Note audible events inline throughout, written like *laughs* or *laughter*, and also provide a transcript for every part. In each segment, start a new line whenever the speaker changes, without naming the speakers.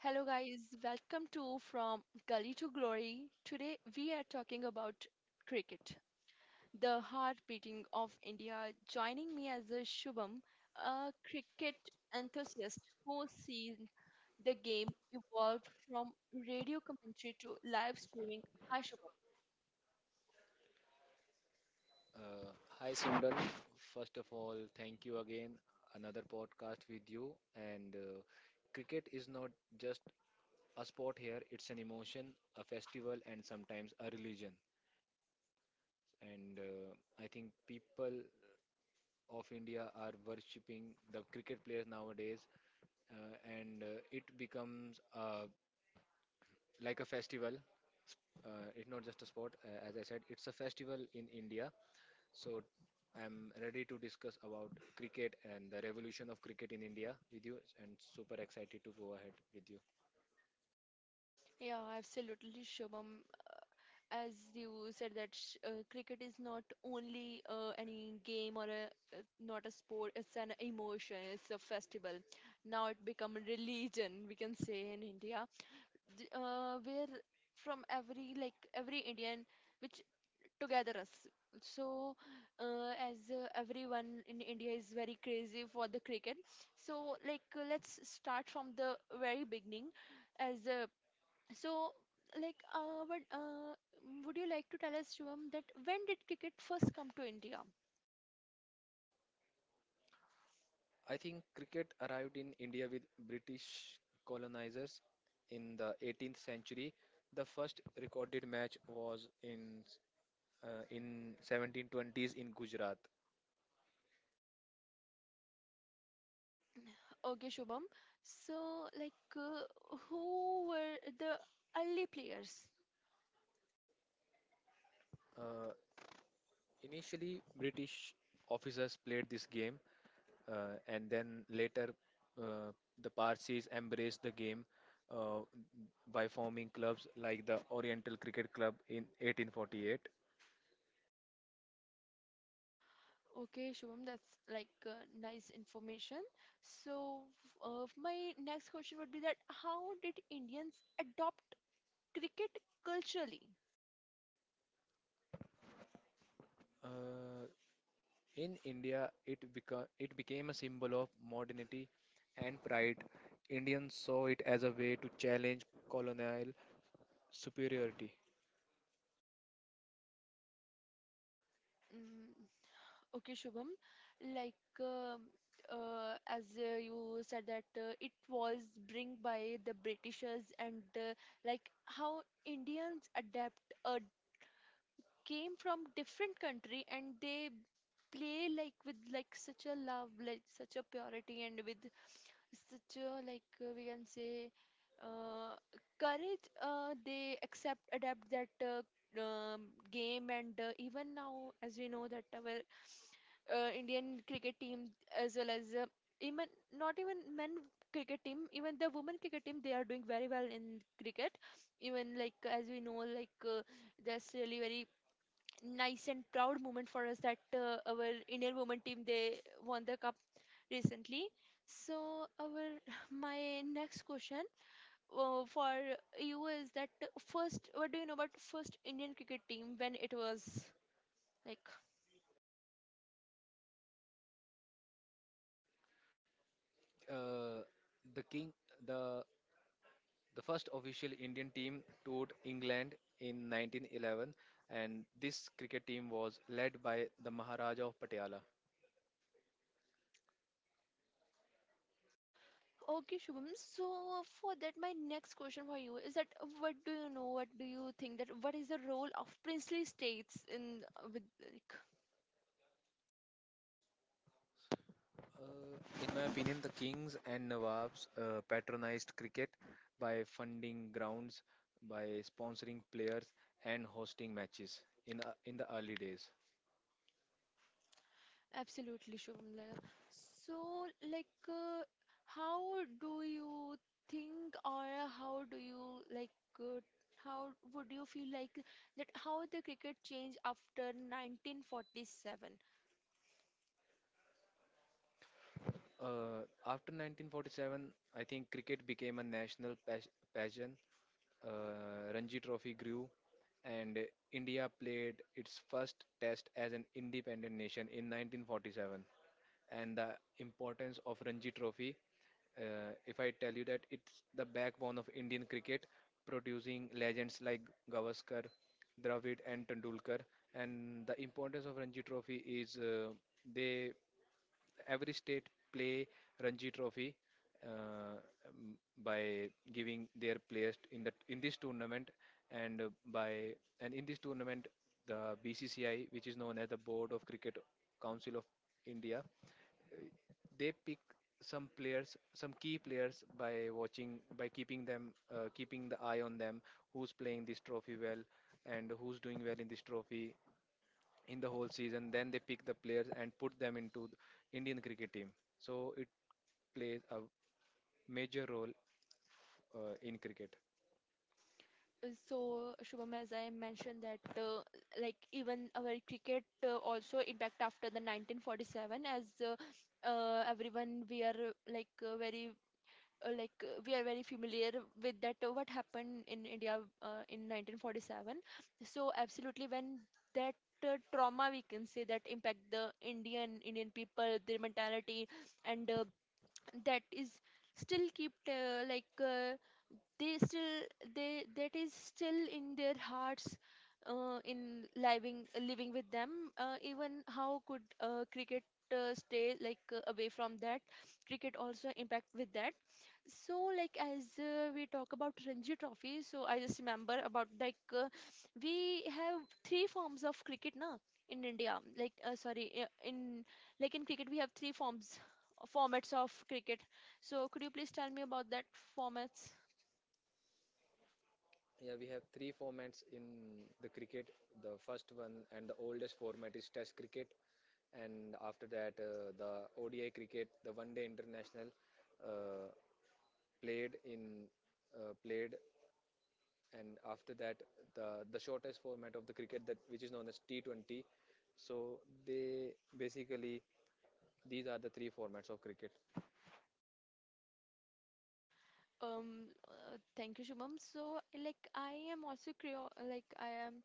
Hello guys, welcome to From Gully to Glory. Today we are talking about cricket, the heartbeating of India. Joining me as a Shubham, a cricket enthusiast who's seen the game evolve from radio commentary to live streaming. Hi Shubham.
Uh, hi Sundar. First of all, thank you again. Another podcast with you. And cricket is not just a sport here, it's an emotion, a festival, and sometimes a religion. And I think people of India are worshipping the cricket players nowadays, and it becomes a life festival. Uh, it's not just a sport, as I said, it's a festival in India. So I'm ready to discuss about cricket and the revolution of cricket in India with you and super excited to go ahead with you.
Yeah, absolutely Shubham. As you said, cricket is not only any game or not a sport, it's an emotion, it's a festival, now it become a religion, we can say, in India. Where from every, like, every Indian which together us. So as everyone in India is very crazy for the cricket. So, like, let's start from the very beginning. As so, like, what, Would you like to tell us, Shubham, that when did cricket first come to India?
I think cricket arrived in India with British colonizers in the 18th century. The first recorded match was in 1720s in Gujarat.
Okay, Shubham. So, like, who were the early players?
Uh, Initially, British officers played this game, and then later, uh, the Parsis embraced the game uh, by forming clubs like the Oriental Cricket Club in 1848.
Okay, Shubham, that's like nice information. So, my next question would be that how did Indians adopt cricket culturally?
Uh, in India, it became a symbol of modernity and pride. Indians saw it as a way to challenge colonial superiority.
Mm, okay, Shubham, like as you said that it was bring by the Britishers, and like, how Indians adapt came from different country and they play like with like such a love, like such a purity, and with such a like we can say uh, courage they accept adapt that game. And even now, as we know that our Indian cricket team, as well as even not even men cricket team, even the women cricket team, they are doing very well in cricket. Even like, as we know, like that's really very nice and proud moment for us that our Indian women team they won the cup recently. So our *laughs* my next question for you is that, first, what do you know about first Indian cricket team when it was like.
Uh, the king, the the first official Indian team toured England in 1911, and this cricket team was led by the Maharaja of Patiala.
Okay, Shubham. So for that, my next question for you is that what do you know? What do you think that what is the role of princely states in with like.
Uh, in my opinion, the kings and nawabs patronized cricket by funding grounds, by sponsoring players, and hosting matches in the early days.
Absolutely Shubham. Like, so, like, how do you think or how do you like uh, how would you feel like that how the cricket changed after 1947?
Uh, after 1947, I think cricket became a national passion. Ranji Trophy grew, and India played its first test as an independent nation in 1947. And the importance of Ranji Trophy, if I tell you that it's the backbone of Indian cricket, producing legends like Gavaskar, Dravid, and Tendulkar. And the importance of Ranji Trophy is they every state play Ranji Trophy uh, um, by giving their players in this tournament and uh, by and in this tournament the BCCI, which is known as the Board of Cricket Council of India, they pick some players, some key players, by watching, by keeping them keeping the eye on them, who's playing this trophy well and who's doing well in this trophy in the whole season. Then they pick the players and put them into the Indian cricket team. So it plays a major role in cricket.
So, Shubham, as I mentioned that like, even our cricket also impact after the 1947. As Everyone, we are like very like we are very familiar with that what happened in India in 1947. So absolutely when that trauma, we can say, that impact the Indian people, their mentality. And that is still keep they still, they that is still in their hearts, in living with them. Even how could cricket stay like away from that? Cricket also impact with that. So, like, as we talk about Ranji Trophy, so I just remember about like we have three forms of cricket now in India. Like uh, sorry uh, in like, in cricket we have three forms formats of cricket. So could you please tell me about that formats?
Yeah, we have three formats in the cricket. The first one and the oldest format is Test cricket, and after that, the ODI cricket, the One Day International, uh, played in played and after that the shortest format of the cricket that which is known as T20. So they basically these are the three formats of cricket.
Thank you, Shubham. So, like, I am also curious. Like,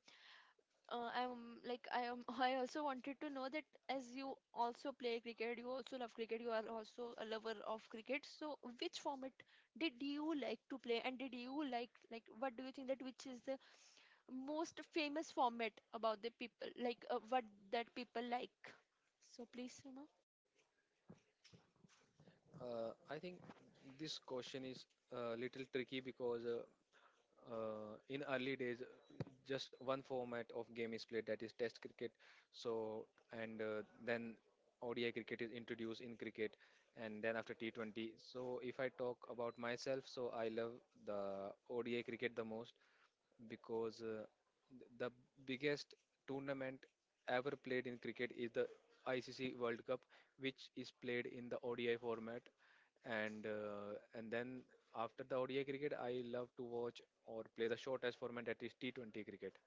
I am, like, I am. *laughs* I also wanted to know that, as you also play cricket, you also love cricket, you are also a lover of cricket, so which format did you like to play? And did you like, what do you think that which is the most famous format about the people, like, what that people like? So, please, Seema.
I think this question is a little tricky because in early days, just one format of game is played, that is Test cricket. So, and then ODI cricket is introduced in cricket, and then after T20. So, if I talk about myself, so I love the ODI cricket the most because the biggest tournament ever played in cricket is the ICC World Cup, which is played in the ODI format. And then after the ODI cricket, I love to watch or play the shortest format that is T20 cricket.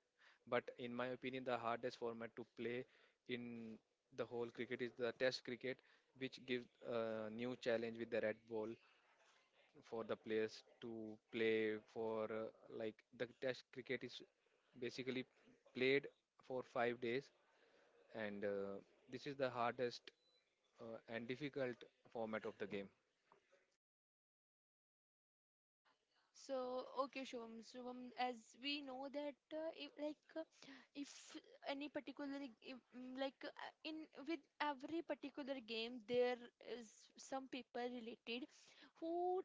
But in my opinion, the hardest format to play in the whole cricket is the Test cricket, which gives a new challenge with the red ball for the players to play for like the test cricket is basically played for 5 days and this is the hardest and difficult format of the game.
So, okay, Shubham. Shubham, as we know that, if, like, if any particular, g- if, mm, like, in with every particular game, there is some people related who,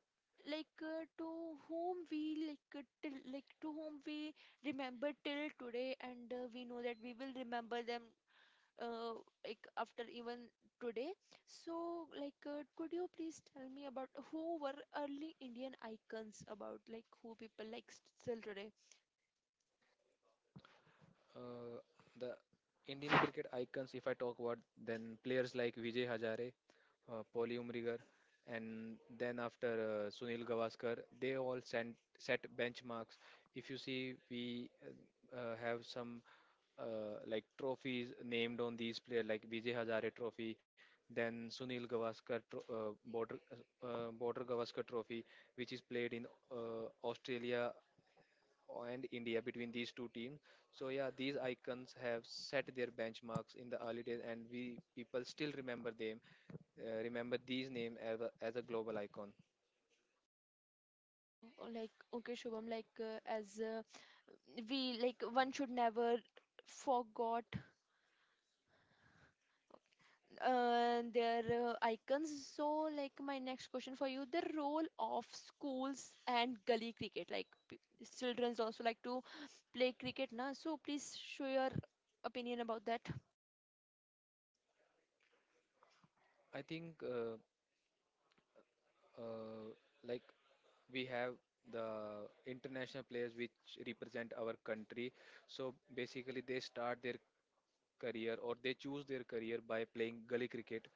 like, to whom we remember till today, and we know that we will remember them uh, like, after even today. So, like, could you please tell me about who were early Indian icons about, like, who people like still today?
Uh, the Indian cricket icons, if I talk about, then players like Vijay Hazare, Pauli Umrigar, and then after Sunil Gavaskar, they all set benchmarks. If you see, we have some uh, like trophies named on these players, like Vijay Hazare Trophy, then Sunil Gavaskar tro- Border Border Gavaskar Trophy, which is played in Australia and India between these two teams. So yeah, these icons have set their benchmarks in the early days, and we people still remember them, remember these names as as a global icon.
Oh, oh, like, okay, Shubham, like, as we, like, one should never forgot their icons. So, like, my next question for you, the role of schools and gully cricket, like, children's also like to play cricket now. So, please show your opinion about that.
I think uh, like we have the international players which represent our country. So basically, they start their career or they choose their career by playing gully cricket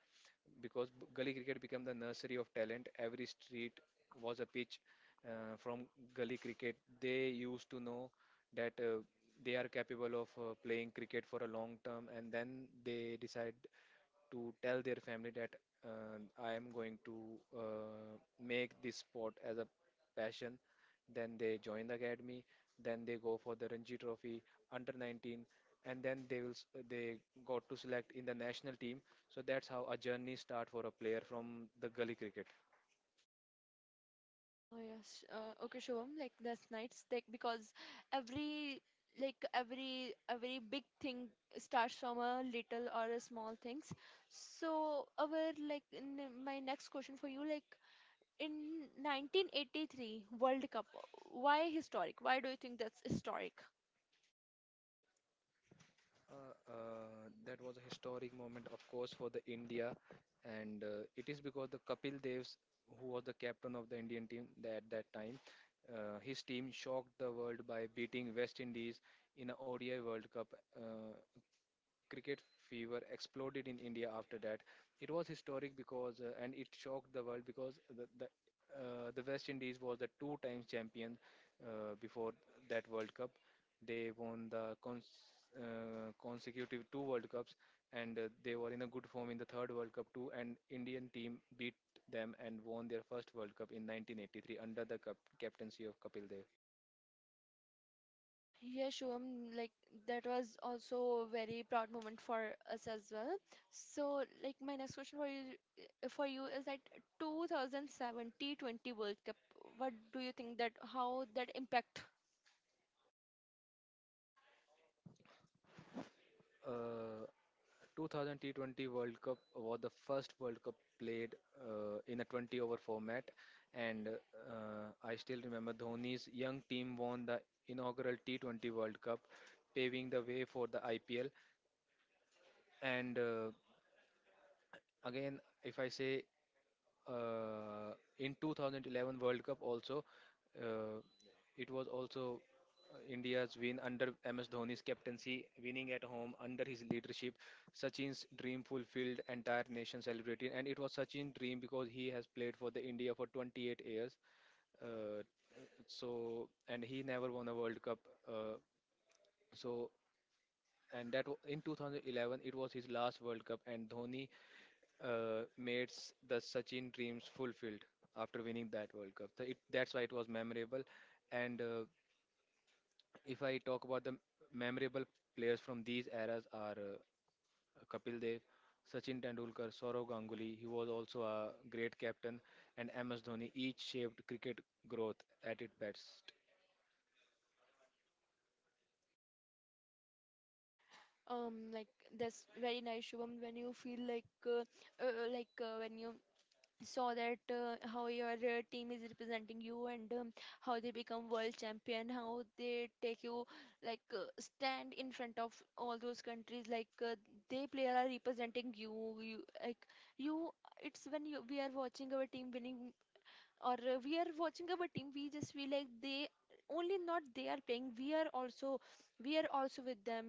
because gully cricket became the nursery of talent. Every street was a pitch. From gully cricket, they used to know that they are capable of playing cricket for a long term, and then they decide to tell their family that I am going to uh, make this sport as a passion. Then they join the academy. Then they go for the Ranji Trophy under 19, and then they got to select in the national team. So that's how a journey start for a player from the gully cricket.
Oh yes. Okay, Shivam. Like, that's nice. Like, because every like every big thing starts from a little or a small things. So our like in my next question for you like in 1983 World Cup. Why historic? Why do you think that's historic?
That was a historic moment, of course, for the India, and it is because the Kapil Devs, who was the captain of the Indian team at that time, his team shocked the world by beating West Indies in a ODI World Cup. Uh, cricket fever exploded in India after that. It was historic because, and it shocked the world because the West Indies was the two times champion before that World Cup. They won the consecutive two World Cups, and they were in a good form in the third World Cup too. And Indian team beat them and won their first World Cup in 1983 under the captaincy of Kapil Dev.
Yeah, Shubham, like that was also a very proud moment for us as well. So, like, my next question for you, is that 2070-20 World Cup. What do you think that how that impact?
Uh, 2000 T20 World Cup was the first World Cup played in a 20 over format, and I still remember Dhoni's young team won the inaugural T20 World Cup, paving the way for the IPL. And again, if I say uh, in 2011 World Cup also, uh, it was also India's win under MS Dhoni's captaincy, winning at home under his leadership. Sachin's dream fulfilled, entire nation celebrated, and it was Sachin's dream because he has played for the India for 28 years. Uh, and he never won a World Cup. Uh, so in 2011 it was his last World Cup, and Dhoni the Sachin dreams fulfilled after winning that World Cup. So it, that's why it was memorable. And if I talk about the memorable players from these eras are Kapil Dev, Sachin Tendulkar, Saurav Ganguly. He was also a great captain, and MS Dhoni each shaped cricket growth at its best.
Like, that's very nice, Shubham. When you feel like, when you saw that how your team is representing you, and how they become world champion, how they take you like stand in front of all those countries, like they player are representing you, you like you, it's when we are watching our team winning, or we are watching our team, we just feel like they only not they are playing, we are also, we are also with them.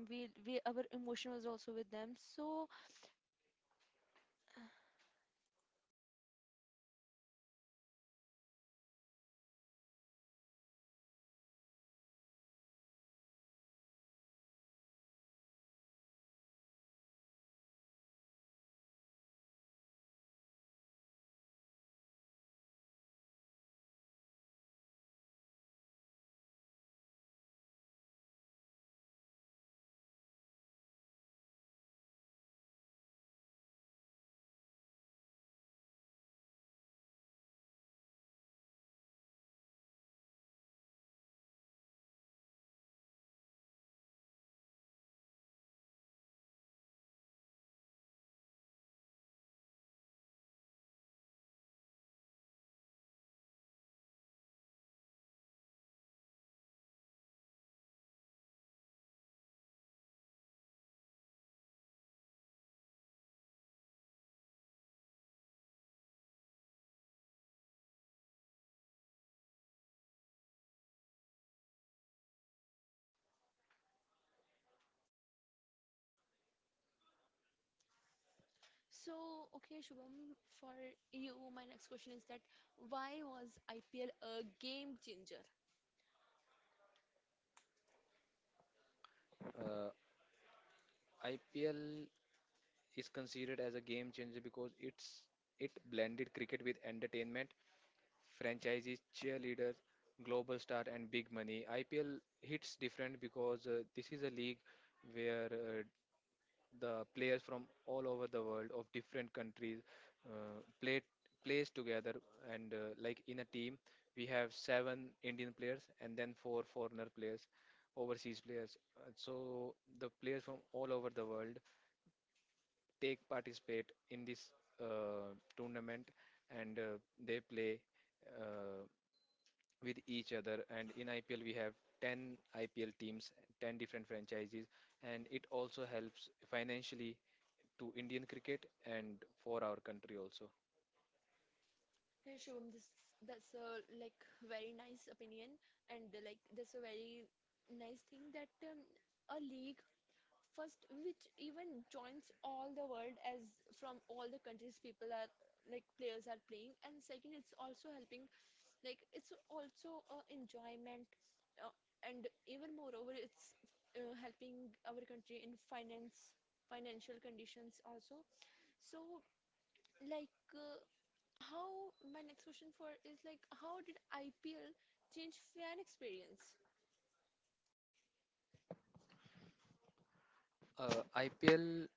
So, okay, Shubham, for you, my next question is that why was IPL a game changer?
Uh, IPL is considered as a game changer because it blended cricket with entertainment, franchises, cheerleaders, global star, and big money. IPL hits different because this is a league where the players from all over the world of different countries play plays together and like in a team we have seven indian players and then four foreigner players overseas players. So the players from all over the world take participate in this tournament and they play uh, with each other and in IPL we have 10 IPL teams, 10 different franchises, and it also helps financially to Indian cricket and for our country also.
Hey, Shubham, this that's a like very nice opinion. And like, that's a very nice thing that a league first which even joins all the world, as from all the countries people are, like, players are playing. And second, it's also helping like, it's also a enjoyment, uh, and even moreover, it's helping our country in finance financial conditions also. So, like, how, my next question for is, like, how did IPL change fan experience?
IPL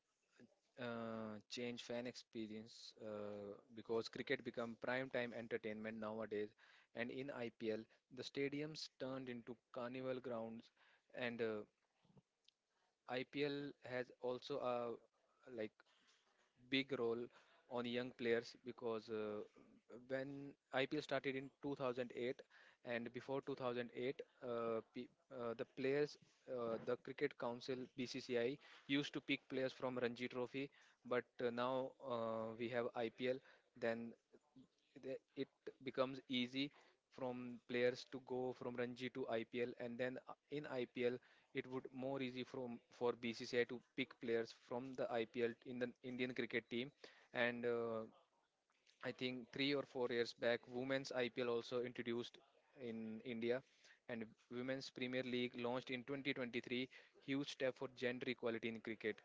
change fan experience because cricket become prime time entertainment nowadays and in IPL the stadiums turned into carnival grounds, and IPL has also a like big role on young players because when IPL started in 2008 and before 2008 the players the cricket council BCCI used to pick players from Ranji trophy, but now we have IPL, then it becomes easy from players to go from Ranji to IPL, and then in IPL it would more easy from for BCCI to pick players from the IPL in the Indian cricket team. And I think 3 or 4 years back women's IPL also introduced in India, and women's Premier League launched in 2023, huge step for gender equality in cricket.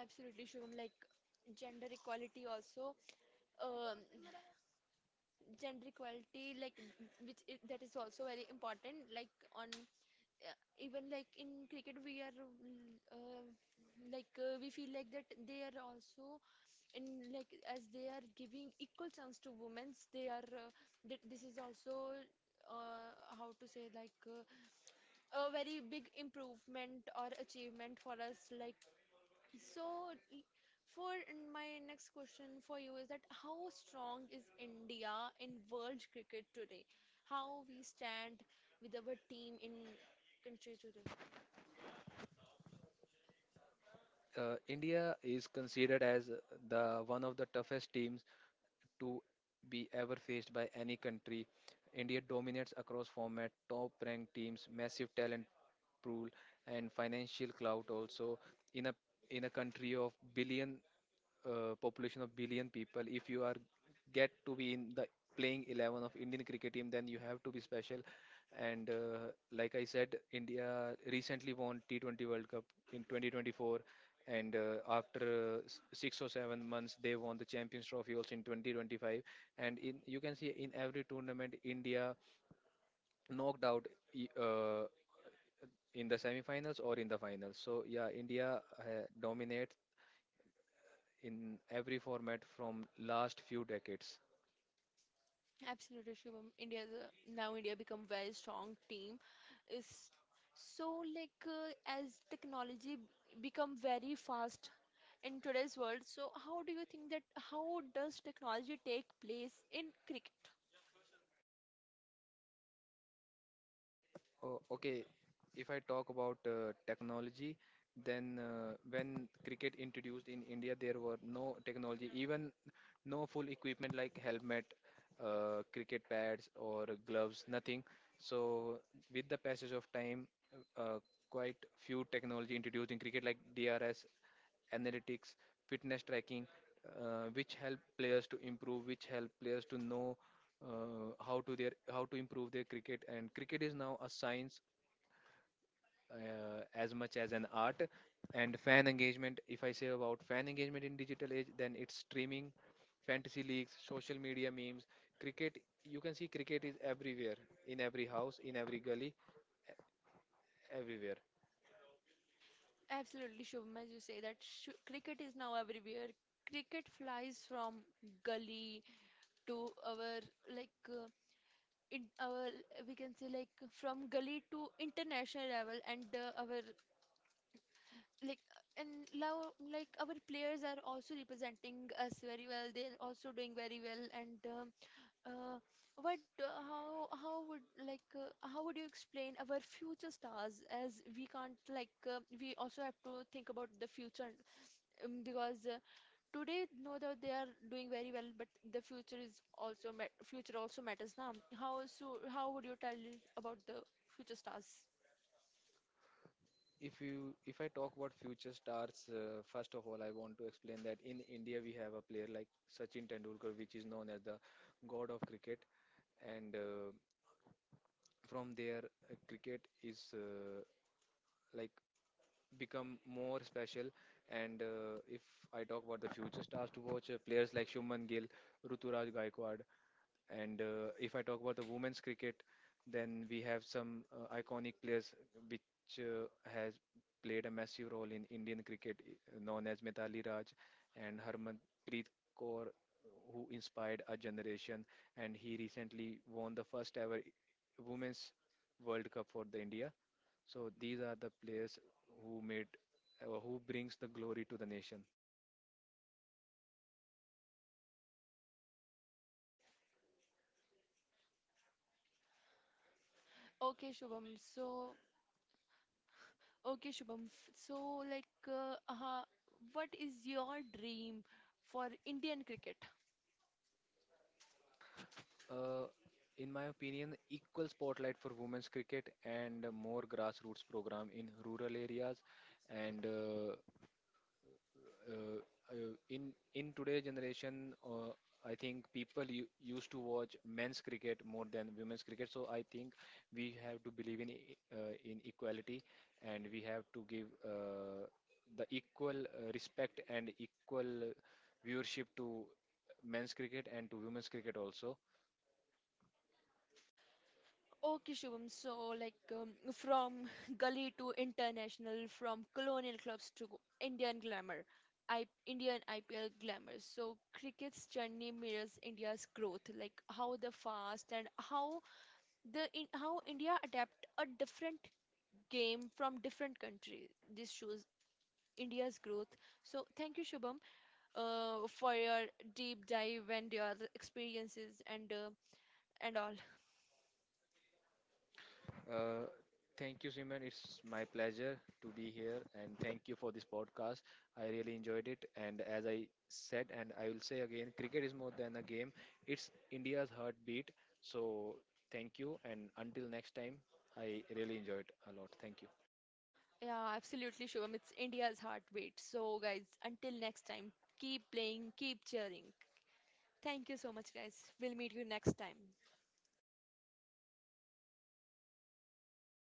Absolutely Shubham, like, gender equality also, um, gender equality, like, which I, that is also very important, like, on even like in cricket we are mm, we feel like that they are also in like, as they are giving equal chance to women's, they are this is also how to say, like a very big improvement or achievement for us. Like, so for my next question for you is that how strong is India in world cricket today, how we stand with our team in country today.
India is considered as the one of the toughest teams to be ever faced by any country. India dominates across format, top ranked teams, massive talent pool, and financial clout. Also, in a in a country of billion population of billion people, if you are get to be in the playing 11 of indian cricket team then you have to be special. And like I said, india recently won t20 world cup in 2024, and after 6 or 7 months they won the champions trophy also in 2025, and in you can see in every tournament india knocked out e- uh, in the semifinals or in the finals. So yeah, india dominates in every format from last few decades.
Absolutely, Shubham. India is a, now India become very strong team. Is so like as technology become very fast in today's world. So how do you think that how does technology take place in cricket?
Oh, okay, if I talk about technology, then when cricket introduced in India, there were no technology, even no full equipment like helmet, cricket pads or gloves, nothing. So, with the passage of time, uh, quite few technology introduced in cricket like DRS, analytics, fitness tracking, which help players to improve, which help players to know how to improve their cricket. And cricket is now a science as much as an art. And fan engagement. If I say about fan engagement in digital age, then it's streaming, fantasy leagues, social media memes. Cricket. You can see cricket is everywhere, in every house, in every gully, everywhere.
Absolutely, Shubham, as you say that sh cricket is now everywhere. Cricket flies from gully to our like in our, we can say, like, from gully to international level. And our like, and now like, our players are also representing us very well, they're also doing very well. And um, uh, what how would like how would you explain our future stars? As we can't like we also have to think about the future, because today know that they are doing very well, but the future is also mat future also matters now. How, so how would you tell about the future stars?
If you if I talk about future stars, first of all I want to explain that in india we have a player like sachin tendulkar which is known as the god of cricket. And from there cricket is like become more special. And if I talk about the future stars to watch, players like shubman gill, ruturaj gaikwad. And if I talk about the women's cricket, then we have some iconic players which has played a massive role in indian cricket, known as mitali raj and harmanpreet kaur, who inspired a generation, and he recently won the first ever Women's World Cup for the India. So these are the players who made who brings the glory to the nation.
Okay shubham so okay, Shubham. So, like, what is your dream for Indian cricket?
Uh, in my opinion, equal spotlight for women's cricket and more grassroots program in rural areas and uh, in today's generation I think people used to watch men's cricket more than women's cricket, so I think we have to believe in in equality and we have to give uh, the equal respect and equal viewership to men's cricket and to women's cricket also.
Okay, Shubham. So, like, from *laughs* gully to international, from colonial clubs to Indian glamour, I Indian IPL glamour. So, cricket's journey mirrors India's growth, like how the fast and how the how India adapt a different game from different country. This shows India's growth. So, thank you, Shubham, for your deep dive and your experiences, and all.
Uh, thank you, Simon. It's my pleasure to be here, and thank you for this podcast. I really enjoyed it. And as I said, and I will say again, cricket is more than a game, it's India's heartbeat. So, thank you. And until next time, I really enjoyed a lot. Thank you.
Yeah, absolutely, Shubham. It's India's heartbeat. So, guys, until next time, keep playing, keep cheering. Thank you so much, guys. We'll meet you next time.